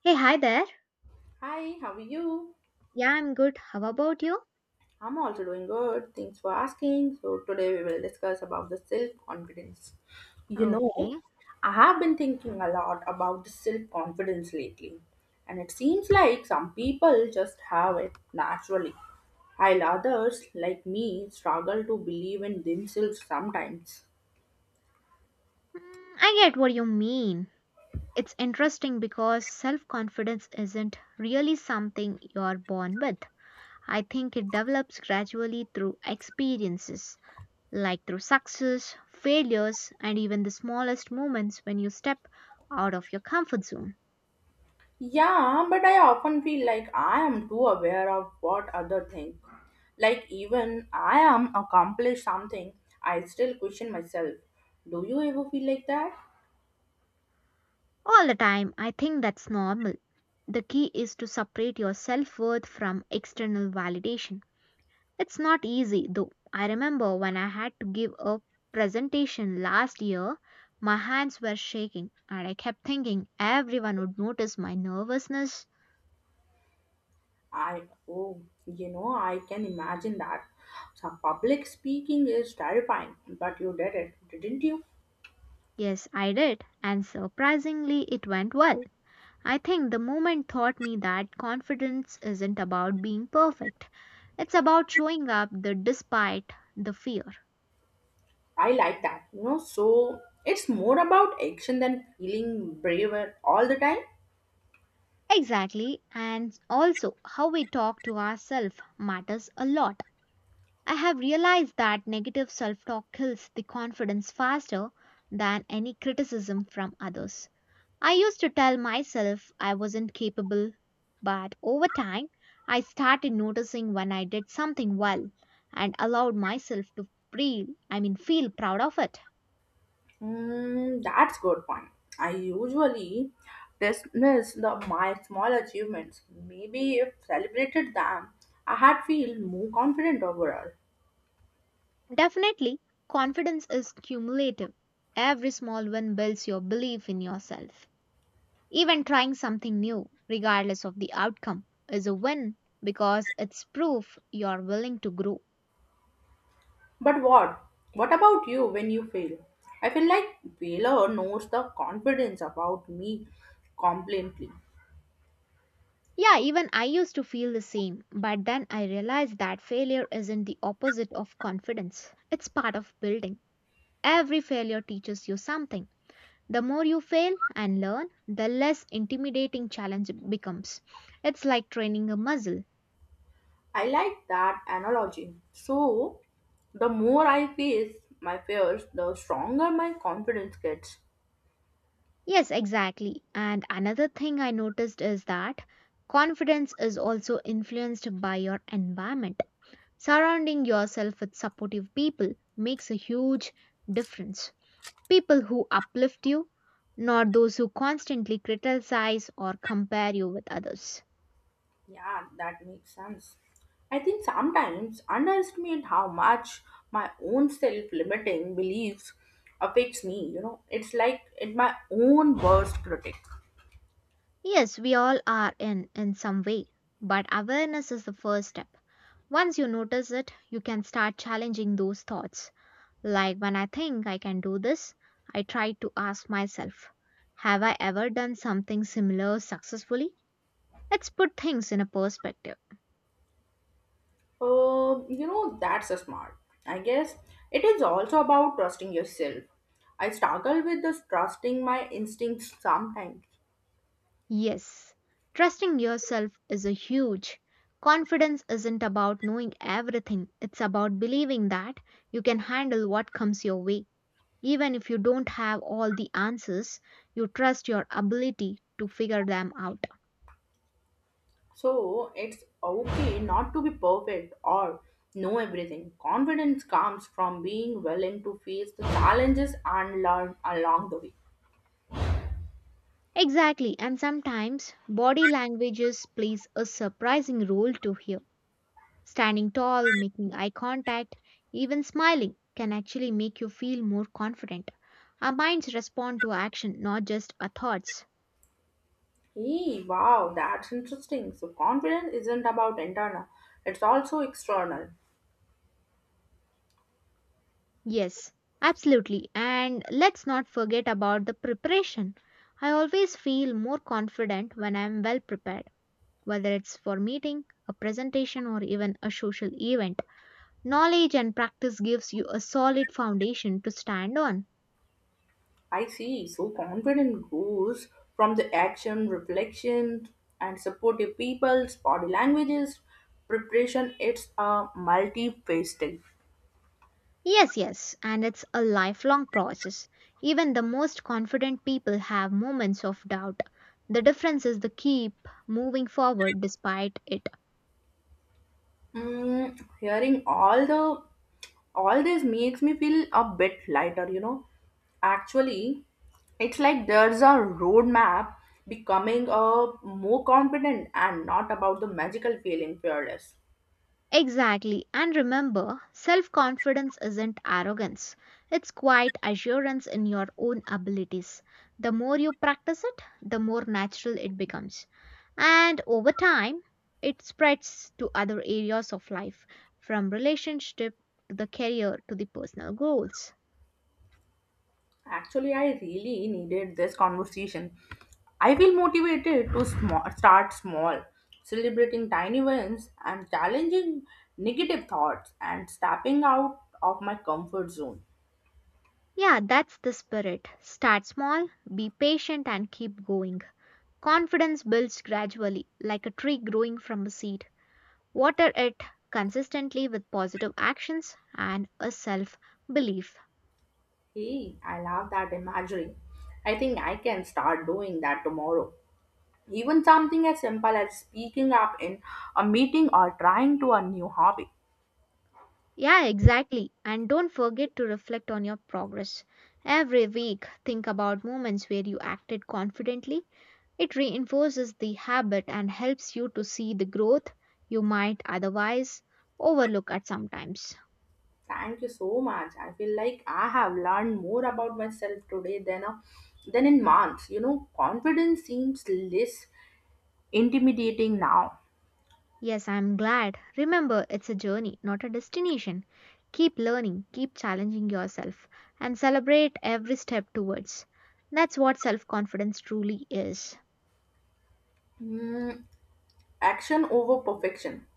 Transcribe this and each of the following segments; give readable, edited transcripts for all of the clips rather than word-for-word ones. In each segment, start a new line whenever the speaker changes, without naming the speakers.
Hey, hi there.
Hi, how are you?
Yeah, I'm good. How about you?
I'm also doing good. Thanks for asking. So today we will discuss about the self-confidence. You
Okay.
know, I have been thinking a lot about the self-confidence lately, and it seems like some people just have it naturally, while others, like me, struggle to believe in themselves sometimes.
Mm, I get what you mean. It's interesting because self confidence isn't really something you're born with. I think it develops gradually through experiences, like through success, failures, and even the smallest moments when you step out of your comfort zone.
Yeah, but I often feel like I am too aware of what other think. Like even I am accomplished something, I still question myself. Do you ever feel like that?
All the time, I think that's normal. The key is to separate your self worth from external validation. It's not easy though. I remember when I had to give a presentation last year, my hands were shaking and I kept thinking everyone would notice my nervousness.
I oh, you know, I can imagine that. So public speaking is terrifying, but you did it, didn't you?
Yes, I did, and surprisingly, it went well. I think the moment taught me that confidence isn't about being perfect. It's about showing up the despite the fear.
I like that. So it's more about action than feeling braver all the time.
Exactly, and also how we talk to ourselves matters a lot. I have realized that negative self talk kills the confidence faster than any criticism from others. I used to tell myself I wasn't capable, but over time, I started noticing when I did something well and allowed myself to feel, feel proud of it.
That's good point. I usually dismiss the my small achievements. Maybe if celebrated them, I had feel more confident overall.
Definitely, confidence is cumulative. Every small win builds your belief in yourself. Even trying something new, regardless of the outcome, is a win because it's proof you're willing to grow.
But what? What about you when you fail? I feel like failure knows the confidence about me completely.
Yeah, even I used to feel the same, but then I realized that failure isn't the opposite of confidence. It's part of building. Every failure teaches you something. The more you fail and learn, the less intimidating challenge it becomes. It's like training a muscle.
I like that analogy. So the more I face my fears, the stronger my confidence gets.
Yes, exactly. And another thing I noticed is that confidence is also influenced by your environment. Surrounding yourself with supportive people makes a huge difference. People who uplift you, not those who constantly criticize or compare you with others.
Yeah, that makes sense. I think sometimes underestimate how much my own self-limiting beliefs affects me. You know, it's like it my own worst critic.
Yes, we all are in some way, but awareness is the first step. Once you notice it, you can start challenging those thoughts. Like when I think I can do this, I try to ask myself, have I ever done something similar successfully? Let's put things in a perspective.
That's a smart. I guess it is also about trusting yourself. I struggle with this trusting my instincts sometimes.
Yes, trusting yourself is a huge. Confidence isn't about knowing everything, it's about believing that you can handle what comes your way. Even if you don't have all the answers, you trust your ability to figure them out.
So it's okay not to be perfect or know everything. Confidence comes from being willing to face the challenges and learn along the way.
Exactly, and sometimes body languages plays a surprising role to here. Standing tall, making eye contact, even smiling can actually make you feel more confident. Our minds respond to action, not just our thoughts.
Hey, wow, that's interesting. So confidence isn't about internal, it's also external.
Yes, absolutely. And let's not forget about the preparation. I always feel more confident when I am well prepared, whether it's for meeting, a presentation or even a social event. Knowledge and practice gives you a solid foundation to stand on.
I see. So confidence grows from the action, reflection, and supportive people's body languages. Preparation it's a multi-phase thing.
Yes, yes, and it's a lifelong process. Even the most confident people have moments of doubt. The difference is the keep moving forward despite it.
Hearing all the all this makes me feel a bit lighter, you know. Actually, it's like there's a roadmap becoming a more confident and not about the magical feeling fearless.
Exactly. And remember, self confidence isn't arrogance, it's quite assurance in your own abilities. The more you practice it, the more natural it becomes. And over time, it spreads to other areas of life, from relationship to the career to the personal goals.
Actually, I really needed this conversation. I feel motivated to start small, celebrating tiny wins and challenging negative thoughts and stepping out of my comfort zone.
Yeah, that's the spirit. Start small, be patient, and keep going. Confidence builds gradually, like a tree growing from a seed. Water it consistently with positive actions and a self belief.
Hey, I love that imagery. I think I can start doing that tomorrow. Even something as simple as speaking up in a meeting or trying to a new hobby.
Yeah, exactly. And don't forget to reflect on your progress. Every week, think about moments where you acted confidently. It reinforces the habit and helps you to see the growth you might otherwise overlook at sometimes.
Thank you so much. I feel like I have learned more about myself today than than in months. You know, confidence seems less intimidating now.
Yes, I'm glad. Remember, it's a journey, not a destination. Keep learning, keep challenging yourself, and celebrate every step towards. That's what self confidence truly is.
Hmm, action over perfection.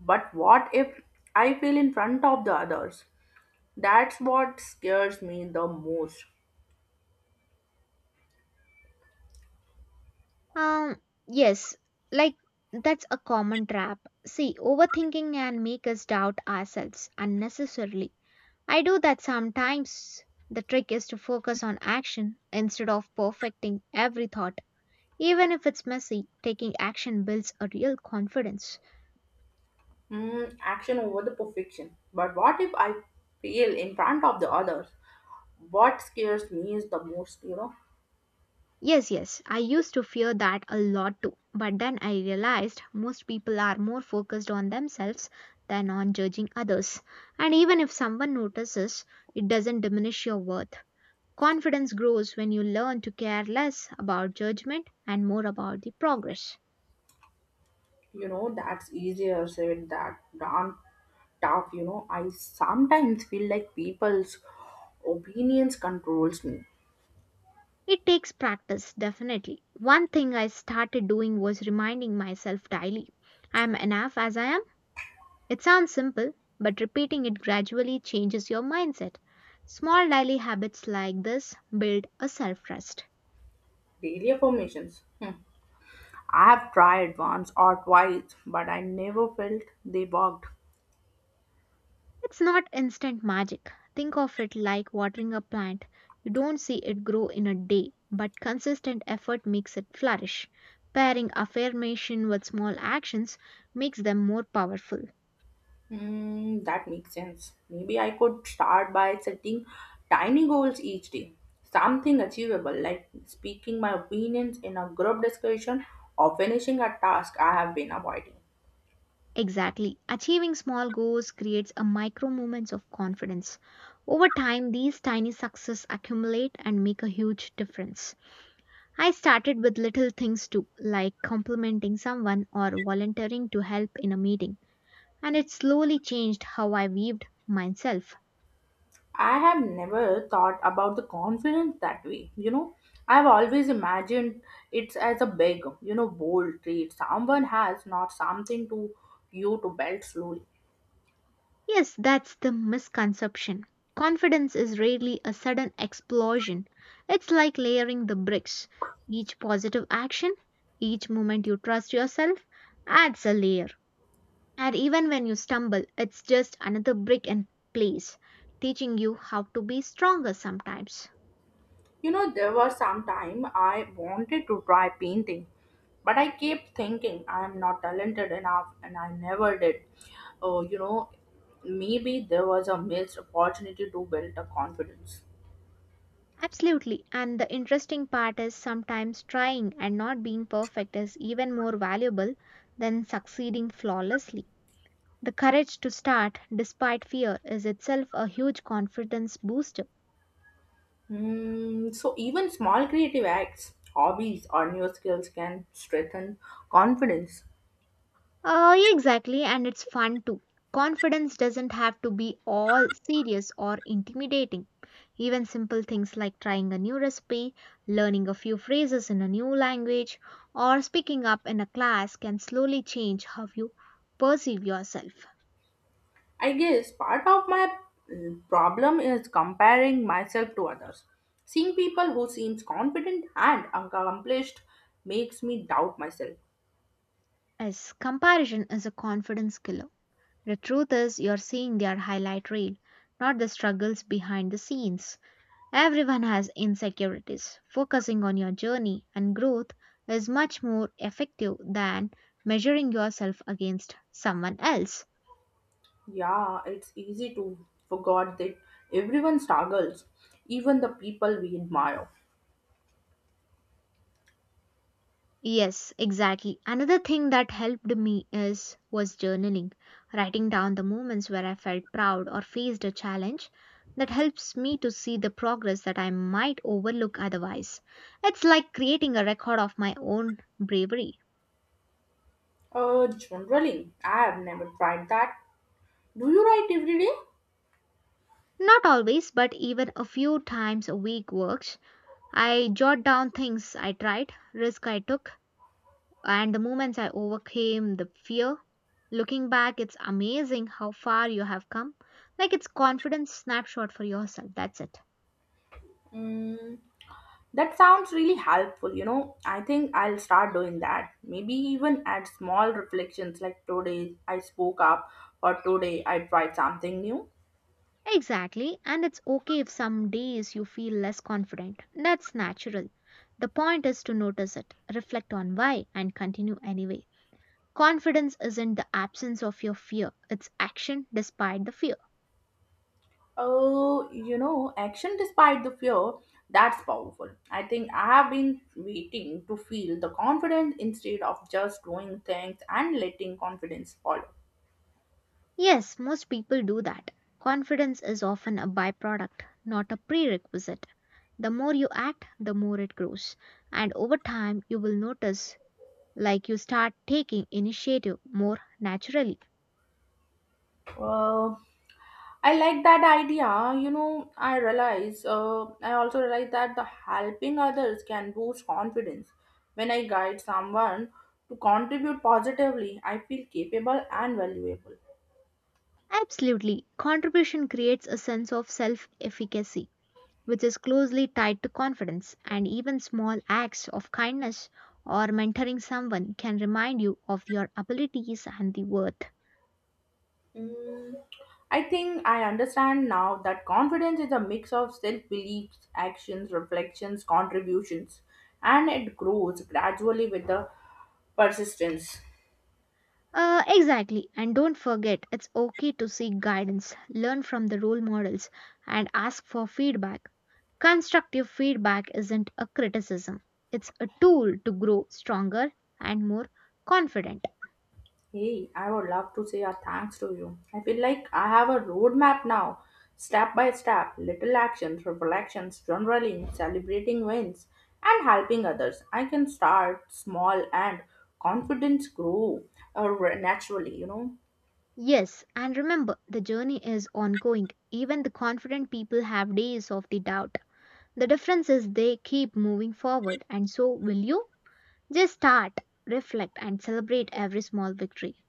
But what if I fail in front of the others? That's what scares me the most.
Um, yes, like that's a common trap. See, overthinking can make us doubt ourselves unnecessarily. I do that sometimes. The trick is to focus on action instead of perfecting every thought. Even if it's messy, taking action builds a real confidence.
Mm, action over the perfection. But what if I fail in front of the others? What scares me is the most,
Yes, yes, I used to fear that a lot too, but then I realized most people are more focused on themselves than on judging others. And even if someone notices, it doesn't diminish your worth. Confidence grows when you learn to care less about judgment and more about the progress.
you know, that's easier said that done. Tough, you know. I sometimes feel like people's opinions controls me.
It takes practice, definitely. One thing I started doing was reminding myself daily I am enough as I am. It sounds simple, but repeating it gradually changes your mindset. Small daily habits like this build a self trust.
Daily affirmations. Hmm. I have tried once or twice, but I never felt they worked.
It's not instant magic. Think of it like watering a plant. You don't see it grow in a day, but consistent effort makes it flourish. Pairing affirmation with small actions makes them more powerful.
That makes sense. Maybe I could start by setting tiny goals each day. Something achievable, like speaking my opinions in a group discussion or finishing a task I have been avoiding.
Exactly. Achieving small goals creates a micro moments of confidence. Over time, these tiny successes accumulate and make a huge difference. I started with little things too, like complimenting someone or volunteering to help in a meeting, and it slowly changed how I viewed myself.
I have never thought about the confidence that way. You know, I've always imagined it's as a big, you know, bold trait someone has, not something to you to belt slowly.
Yes, that's the misconception. Confidence is rarely a sudden explosion. It's like layering the bricks. Each positive action, each moment you trust yourself, adds a layer. And even when you stumble, it's just another brick in place, teaching you how to be stronger sometimes.
You know, there was some time I wanted to try painting, but I kept thinking I am not talented enough and I never did. Oh, you know, maybe there was a missed opportunity to build a confidence.
Absolutely. And the interesting part is sometimes trying and not being perfect is even more valuable than succeeding flawlessly. The courage to start despite fear is itself a huge confidence booster.
Hmm, so even small creative acts, hobbies, or new skills can strengthen confidence.
Yeah, exactly, and it's fun too. Confidence doesn't have to be all serious or intimidating. Even simple things like trying a new recipe, learning a few phrases in a new language, or speaking up in a class can slowly change how you perceive yourself.
I guess part of my problem is comparing myself to others. Seeing people who seems confident and accomplished makes me doubt myself.
As comparison is a confidence killer. The truth is, you're seeing their highlight reel, not the struggles behind the scenes. Everyone has insecurities. Focusing on your journey and growth is much more effective than measuring yourself against someone else.
Yeah, it's easy to forget that everyone struggles, even the people we admire.
Yes, exactly. Another thing that helped me is was journaling, writing down the moments where I felt proud or faced a challenge that helps me to see the progress that I might overlook otherwise. It's like creating a record of my own bravery.
Generally, I have never tried that. Do you write every day?
Not always, but even a few times a week works. I jot down things I tried, risk I took, and the moments I overcame the fear. Looking back, it's amazing how far you have come. Like it's confidence snapshot for yourself. That's it.
Mm, That sounds really helpful, you know. I think I'll start doing that. Maybe even add small reflections like today I spoke up or today I tried something new.
Exactly, and it's okay if some days you feel less confident. That's natural. The point is to notice it, reflect on why, and continue anyway. Confidence isn't the absence of your fear, it's action despite the fear.
Oh, you know, action despite the fear, that's powerful. I think I have been waiting to feel the confidence instead of just doing things and letting confidence follow.
Yes, most people do that. Confidence is often a byproduct, not a prerequisite. The more you act, the more it grows. And over time, you will notice like you start taking initiative more naturally.
Uh, I like that idea. You know, I also realize that the helping others can boost confidence. When I guide someone to contribute positively, I feel capable and valuable.
Absolutely. Contribution creates a sense of self efficacy, which is closely tied to confidence, and even small acts of kindness or mentoring someone can remind you of your abilities and the worth.
Mm, I think I understand now that confidence is a mix of self beliefs, actions, reflections, contributions, and it grows gradually with the persistence.
Exactly. And don't forget, it's okay to seek guidance, learn from the role models, and ask for feedback. Constructive feedback isn't a criticism, it's a tool to grow stronger and more confident.
Hey, I would love to say a thanks to you. I feel like I have a roadmap now, step by step, little actions, reflections, journaling, celebrating wins, and helping others. I can start small and confidence grow uh, naturally, you know.
Yes, and remember, the journey is ongoing. Even the confident people have days of the doubt. The difference is they keep moving forward, and so will you. Just start, reflect, and celebrate every small victory.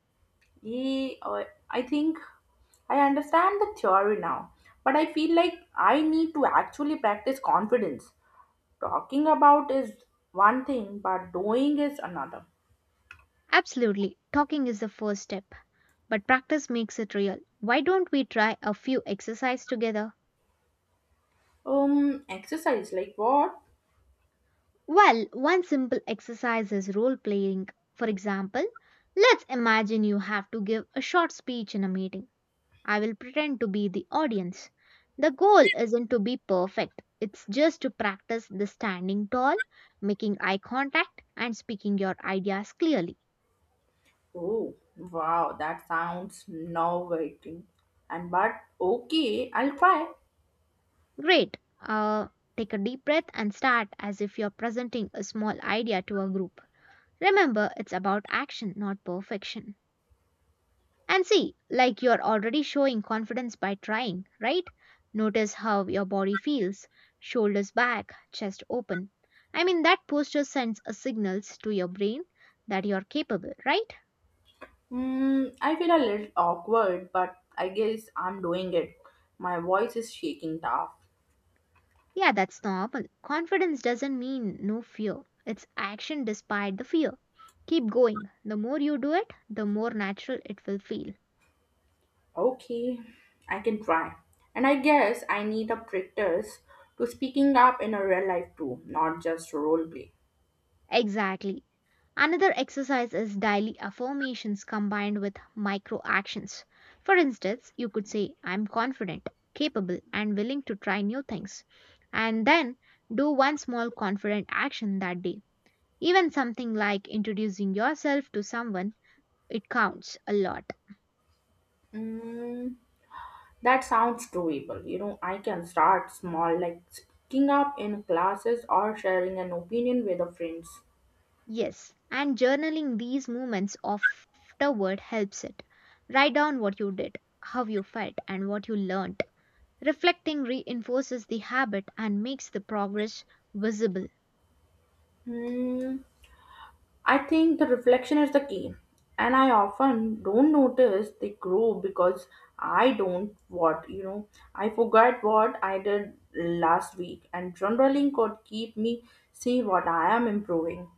Yeah, I think I understand the theory now, but I feel like I need to actually practice confidence. Talking about is one thing, but doing is another.
Absolutely, talking is the first step, but practice makes it real. Why don't we try a few exercises together?
Exercise like what?
Well, one simple exercise is role playing. For example, let's imagine you have to give a short speech in a meeting. I will pretend to be the audience. The goal isn't to be perfect, it's just to practice the standing tall, making eye contact, and speaking your ideas clearly.
Oh, wow, that sounds nauseating. And but okay, I'll try.
Great. Take a deep breath and start as if you're presenting a small idea to a group. Remember, it's about action, not perfection. And see, like you're already showing confidence by trying, right? Notice how your body feels shoulders back, chest open. That posture sends a signals to your brain that you're capable, right?
Hmm, I feel a little awkward, but I guess I'm doing it. My voice is shaking tough.
Yeah, that's normal. Confidence doesn't mean no fear, it's action despite the fear. Keep going. The more you do it, the more natural it will feel.
Okay, I can try. And I guess I need a practice to speaking up in a real life too, not just role play.
Exactly. Another exercise is daily affirmations combined with micro actions. For instance, you could say, I'm confident, capable, and willing to try new things. And then do one small confident action that day. Even something like introducing yourself to someone, it counts a lot.
Mm, That sounds doable. You know, I can start small, like speaking up in classes or sharing an opinion with the friends.
Yes, and journaling these moments afterward helps it. Write down what you did, how you felt, and what you learned. Reflecting reinforces the habit and makes the progress visible.
Hmm, I think the reflection is the key, and I often don't notice they grow because I don't what you know. I forget what I did last week, and journaling could keep me see what I am improving.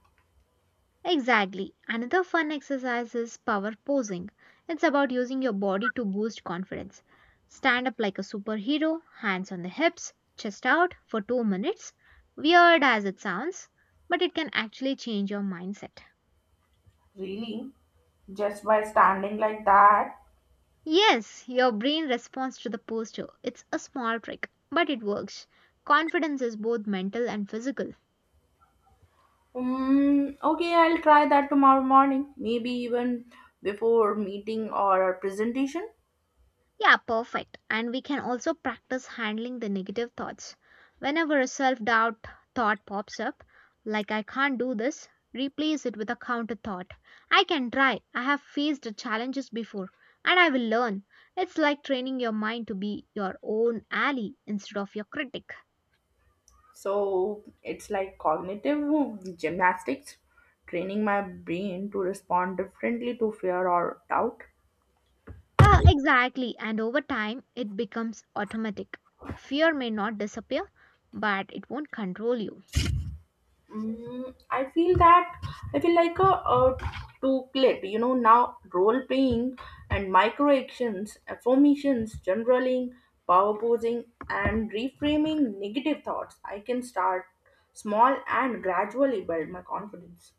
Exactly. Another fun exercise is power posing. It's about using your body to boost confidence. Stand up like a superhero, hands on the hips, chest out for 2 minutes. Weird as it sounds, but it can actually change your mindset.
Really, just by standing like that?
Yes, your brain responds to the posture. It's a small trick, but it works. Confidence is both mental and physical.
Okay, I'll try that tomorrow morning, maybe even before meeting or presentation.
Yeah, perfect. And we can also practice handling the negative thoughts. Whenever a self doubt thought pops up, like I can't do this, replace it with a counter thought. I can try. I have faced the challenges before and I will learn. It's like training your mind to be your own ally instead of your critic.
So it's like cognitive gymnastics, training my brain to respond differently to fear or doubt.
Ah, exactly. And over time, it becomes automatic. Fear may not disappear, but it won't control you.
Mm, I feel that I feel like a two-clit. You know, now role playing and micro actions, affirmations, generaling, power posing, and reframing negative thoughts. I can start small and gradually build my confidence.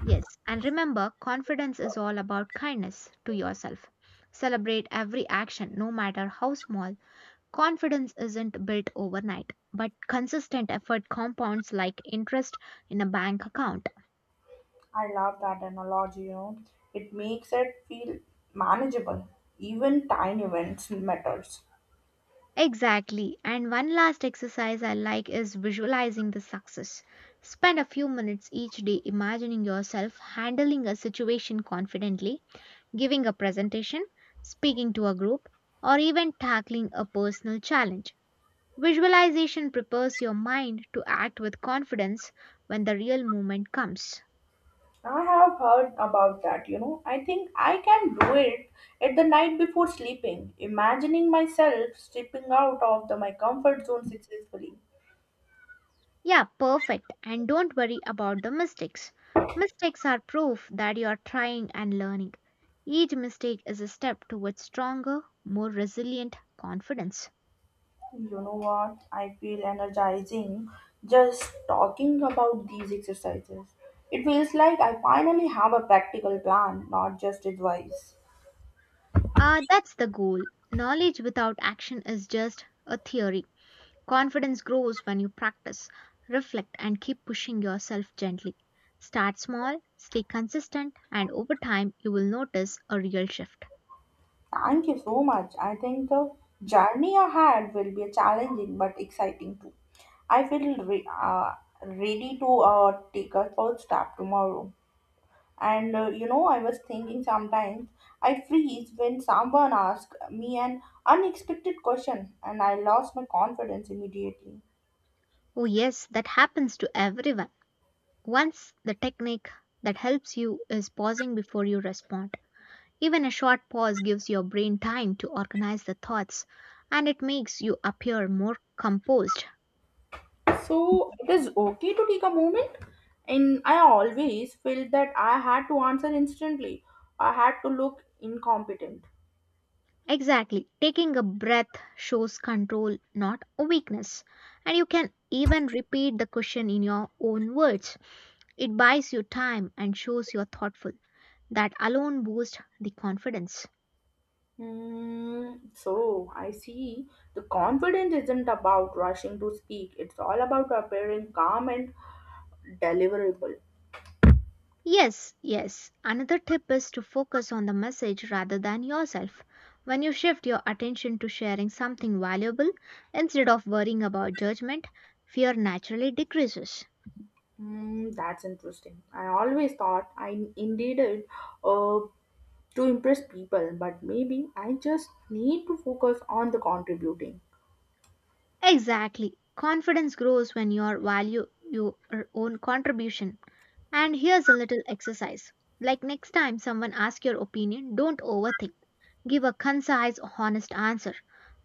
Yes. And remember, confidence is all about kindness to yourself. Celebrate every action, no matter how small. Confidence isn't built overnight, but consistent effort compounds like interest in a bank account.
I love that analogy. You know, it makes it feel manageable. Even tiny events matters.
Exactly. And one last exercise I like is visualizing the success. Spend a few minutes each day imagining yourself handling a situation confidently, giving a presentation, speaking to a group, or even tackling a personal challenge. Visualization prepares your mind to act with confidence when the real moment comes.
I have heard about that, you know. I think I can do it at the night before sleeping, imagining myself stepping out of my comfort zone successfully.
Yeah, perfect. And don't worry about the mistakes. Mistakes are proof that you are trying and learning. Each mistake is a step towards stronger, more resilient confidence.
You know what? I feel energizing just talking about these exercises. It feels like I finally have a practical plan, not just advice.
Ah, that's the goal. Knowledge without action is just a theory. Confidence grows when you practice, reflect, and keep pushing yourself gently. Start small, stay consistent, and over time you will notice a real shift.
Thank you so much. I think the journey ahead will be challenging but exciting too. I feel ready to take a first step tomorrow. And you know, I was thinking sometimes I freeze when someone asks me an unexpected question and I lost my confidence immediately.
Oh, yes, that happens to everyone. Once the technique that helps you is pausing before you respond. Even a short pause gives your brain time to organize the thoughts and it makes you appear more composed.
So it is okay to take a moment. And I always felt that I had to answer instantly, I had to look incompetent.
Exactly. Taking a breath shows control, not a weakness. And you can even repeat the question in your own words. It buys you time and shows you're thoughtful. That alone boosts the confidence.
Hmm, so I see the confidence isn't about rushing to speak. It's all about appearing calm and deliverable.
Yes, yes. Another tip is to focus on the message rather than yourself. When you shift your attention to sharing something valuable instead of worrying about judgment, fear naturally decreases.
Hmm, that's interesting. I always thought I indeed it uh, to impress people, but maybe I just need to focus on the contributing.
Exactly. Confidence grows when you are value your own contribution. And here's a little exercise. Like next time someone asks your opinion, don't overthink. Give a concise, honest answer.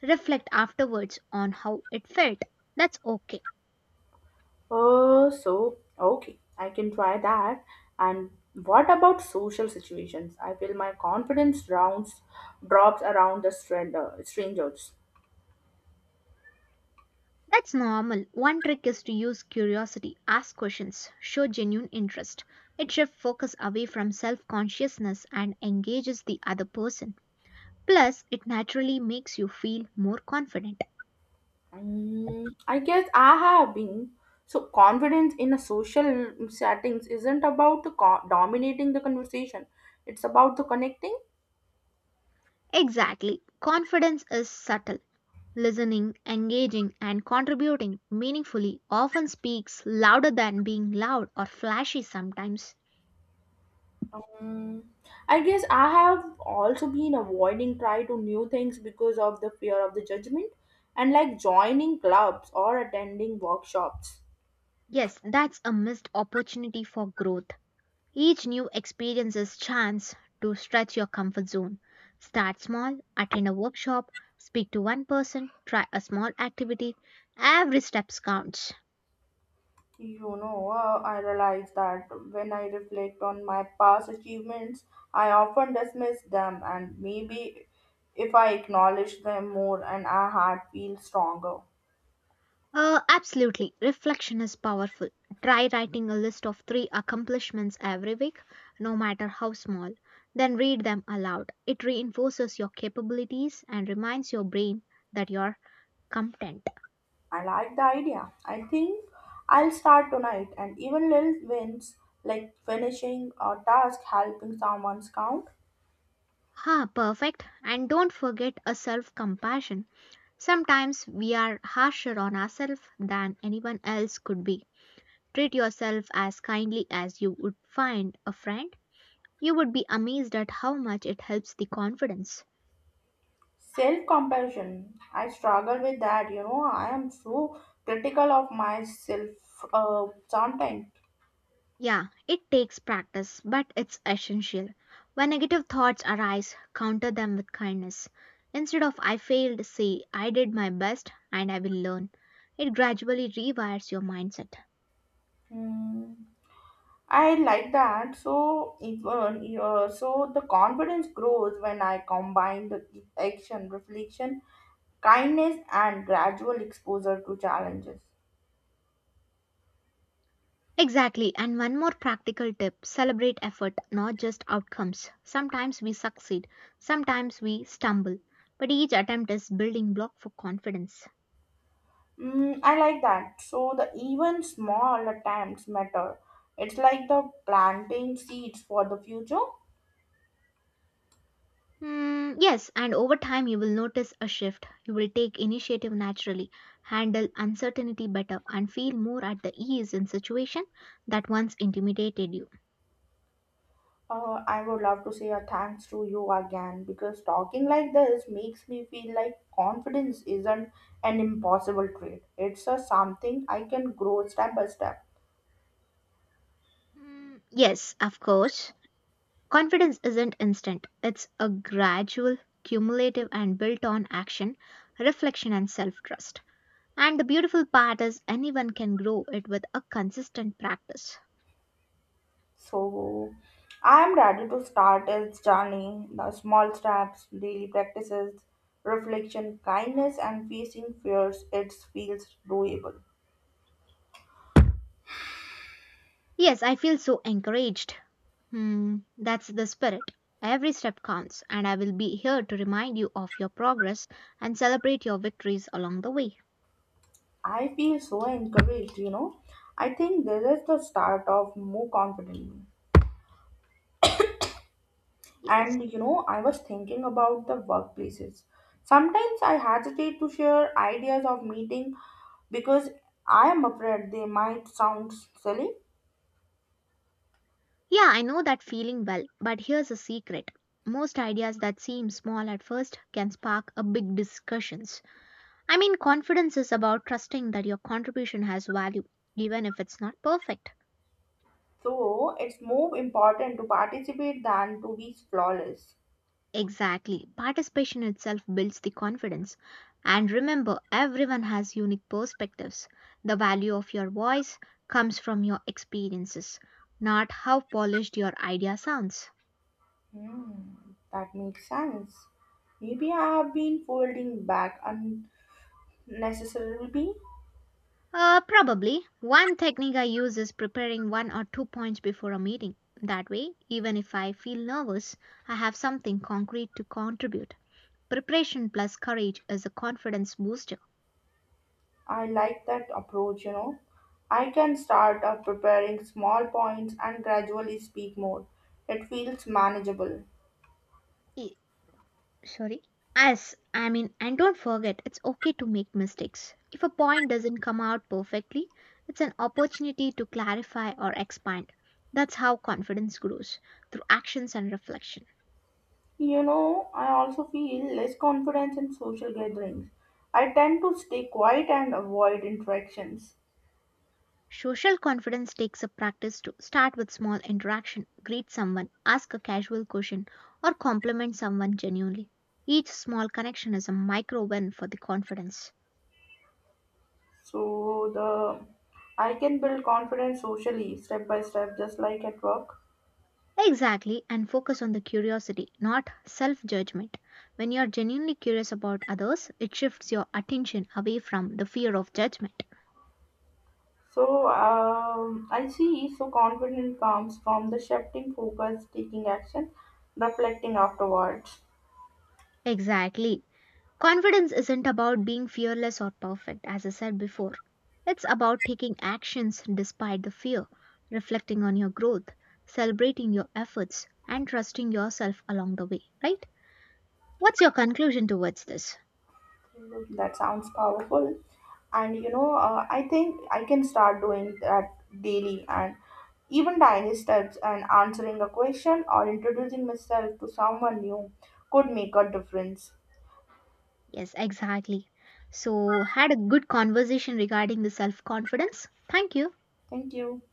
Reflect afterwards on how it felt. That's okay.
So okay, I can try that. And what about social situations? I feel my confidence rounds drops around the strangers.
That's normal. One trick is to use curiosity, ask questions, show genuine interest. It shifts focus away from self consciousness and engages the other person. Plus, it naturally makes you feel more confident.
Mm, I guess I have been. So, confidence in a social settings isn't about the dominating the conversation. It's about the connecting.
Exactly. Confidence is subtle. Listening, engaging, and contributing meaningfully often speaks louder than being loud or flashy sometimes.
Um, I guess I have also been avoiding try to new things because of the fear of the judgment, and like joining clubs or attending workshops.
Yes, that's a missed opportunity for growth. Each new experience is chance to stretch your comfort zone. Start small, attend a workshop, speak to one person, try a small activity. Every step counts.
You know, I realize that when I reflect on my past achievements, I often dismiss them, and maybe if I acknowledge them more and our heart feels stronger.
Absolutely. Reflection is powerful. Try writing a list of three accomplishments every week, no matter how small. Then read them aloud. It reinforces your capabilities and reminds your brain that you're content.
I like the idea. I think I'll start tonight, and even little wins like finishing a task, helping someone's count.
Ha, perfect. And don't forget a self compassion. Sometimes we are harsher on ourselves than anyone else could be. Treat yourself as kindly as you would find a friend. You would be amazed at how much it helps the confidence.
Self compassion. I struggle with that, you know. I am so critical of myself sometimes.
Yeah, it takes practice, but it's essential. When negative thoughts arise, counter them with kindness. Instead of I failed, say I did my best and I will learn. It gradually rewires your mindset.
Hmm, I like that. So the confidence grows when I combine the action, reflection, kindness, and gradual exposure to challenges.
Exactly. And one more practical tip celebrate effort, not just outcomes. Sometimes we succeed, sometimes we stumble, but each attempt is building block for confidence.
Mm, I like that. So the even small attempts matter. It's like the planting seeds for the future.
Hmm, yes, and over time you will notice a shift. You will take initiative naturally, handle uncertainty better, and feel more at the ease in situation that once intimidated you.
I would love to say a thanks to you again because talking like this makes me feel like confidence isn't an impossible trait. It's a something I can grow step by step.
Hmm, yes, of course. Confidence isn't instant, it's a gradual, cumulative, and built on action, reflection, and self trust. And the beautiful part is anyone can grow it with a consistent practice.
So I am ready to start its journey. The small steps, daily practices, reflection, kindness, and facing fears, it feels doable.
Yes, I feel so encouraged. Hmm, that's the spirit. Every step counts, and I will be here to remind you of your progress and celebrate your victories along the way.
I feel so encouraged, you know. I think this is the start of more confidently.
Yes.
And you know, I was thinking about the workplaces. Sometimes I hesitate to share ideas of meeting because I am afraid they might sound silly.
Yeah, I know that feeling well, but here's a secret. Most ideas that seem small at first can spark a big discussions. I mean, confidence is about trusting that your contribution has value, even if it's not perfect.
So it's more important to participate than to be flawless.
Exactly. Participation itself builds the confidence. And remember, everyone has unique perspectives. The value of your voice comes from your experiences, not how polished your idea sounds.
Hmm, that makes sense. Maybe I have been folding back unnecessarily.
Probably. One technique I use is preparing one or two points before a meeting. That way, even if I feel nervous, I have something concrete to contribute. Preparation plus courage is a confidence booster.
I like that approach, you know. I can start up preparing small points and gradually speak more. It feels manageable.
E- Sorry. And don't forget, it's okay to make mistakes. If a point doesn't come out perfectly, it's an opportunity to clarify or expand. That's how confidence grows through actions and reflection.
You know, I also feel less confidence in social gatherings. I tend to stay quiet and avoid interactions.
Social confidence takes a practice to start with small interaction, greet someone, ask a casual question, or compliment someone genuinely. Each small connection is a micro win for the confidence.
So the I can build confidence socially step by step, just like at work.
Exactly, and focus on the curiosity, not self judgment. When you are genuinely curious about others, it shifts your attention away from the fear of judgment.
So I see. So confidence comes from the shifting focus, taking action, reflecting afterwards.
Exactly. Confidence isn't about being fearless or perfect, as I said before. It's about taking actions despite the fear, reflecting on your growth, celebrating your efforts, and trusting yourself along the way, right? What's your conclusion towards this?
That sounds powerful, and you know I think I can start doing that daily and even tiny steps and answering a question or introducing myself to someone new could make a difference.
Yes, exactly. So, had a good conversation regarding the self confidence. Thank you.
Thank you.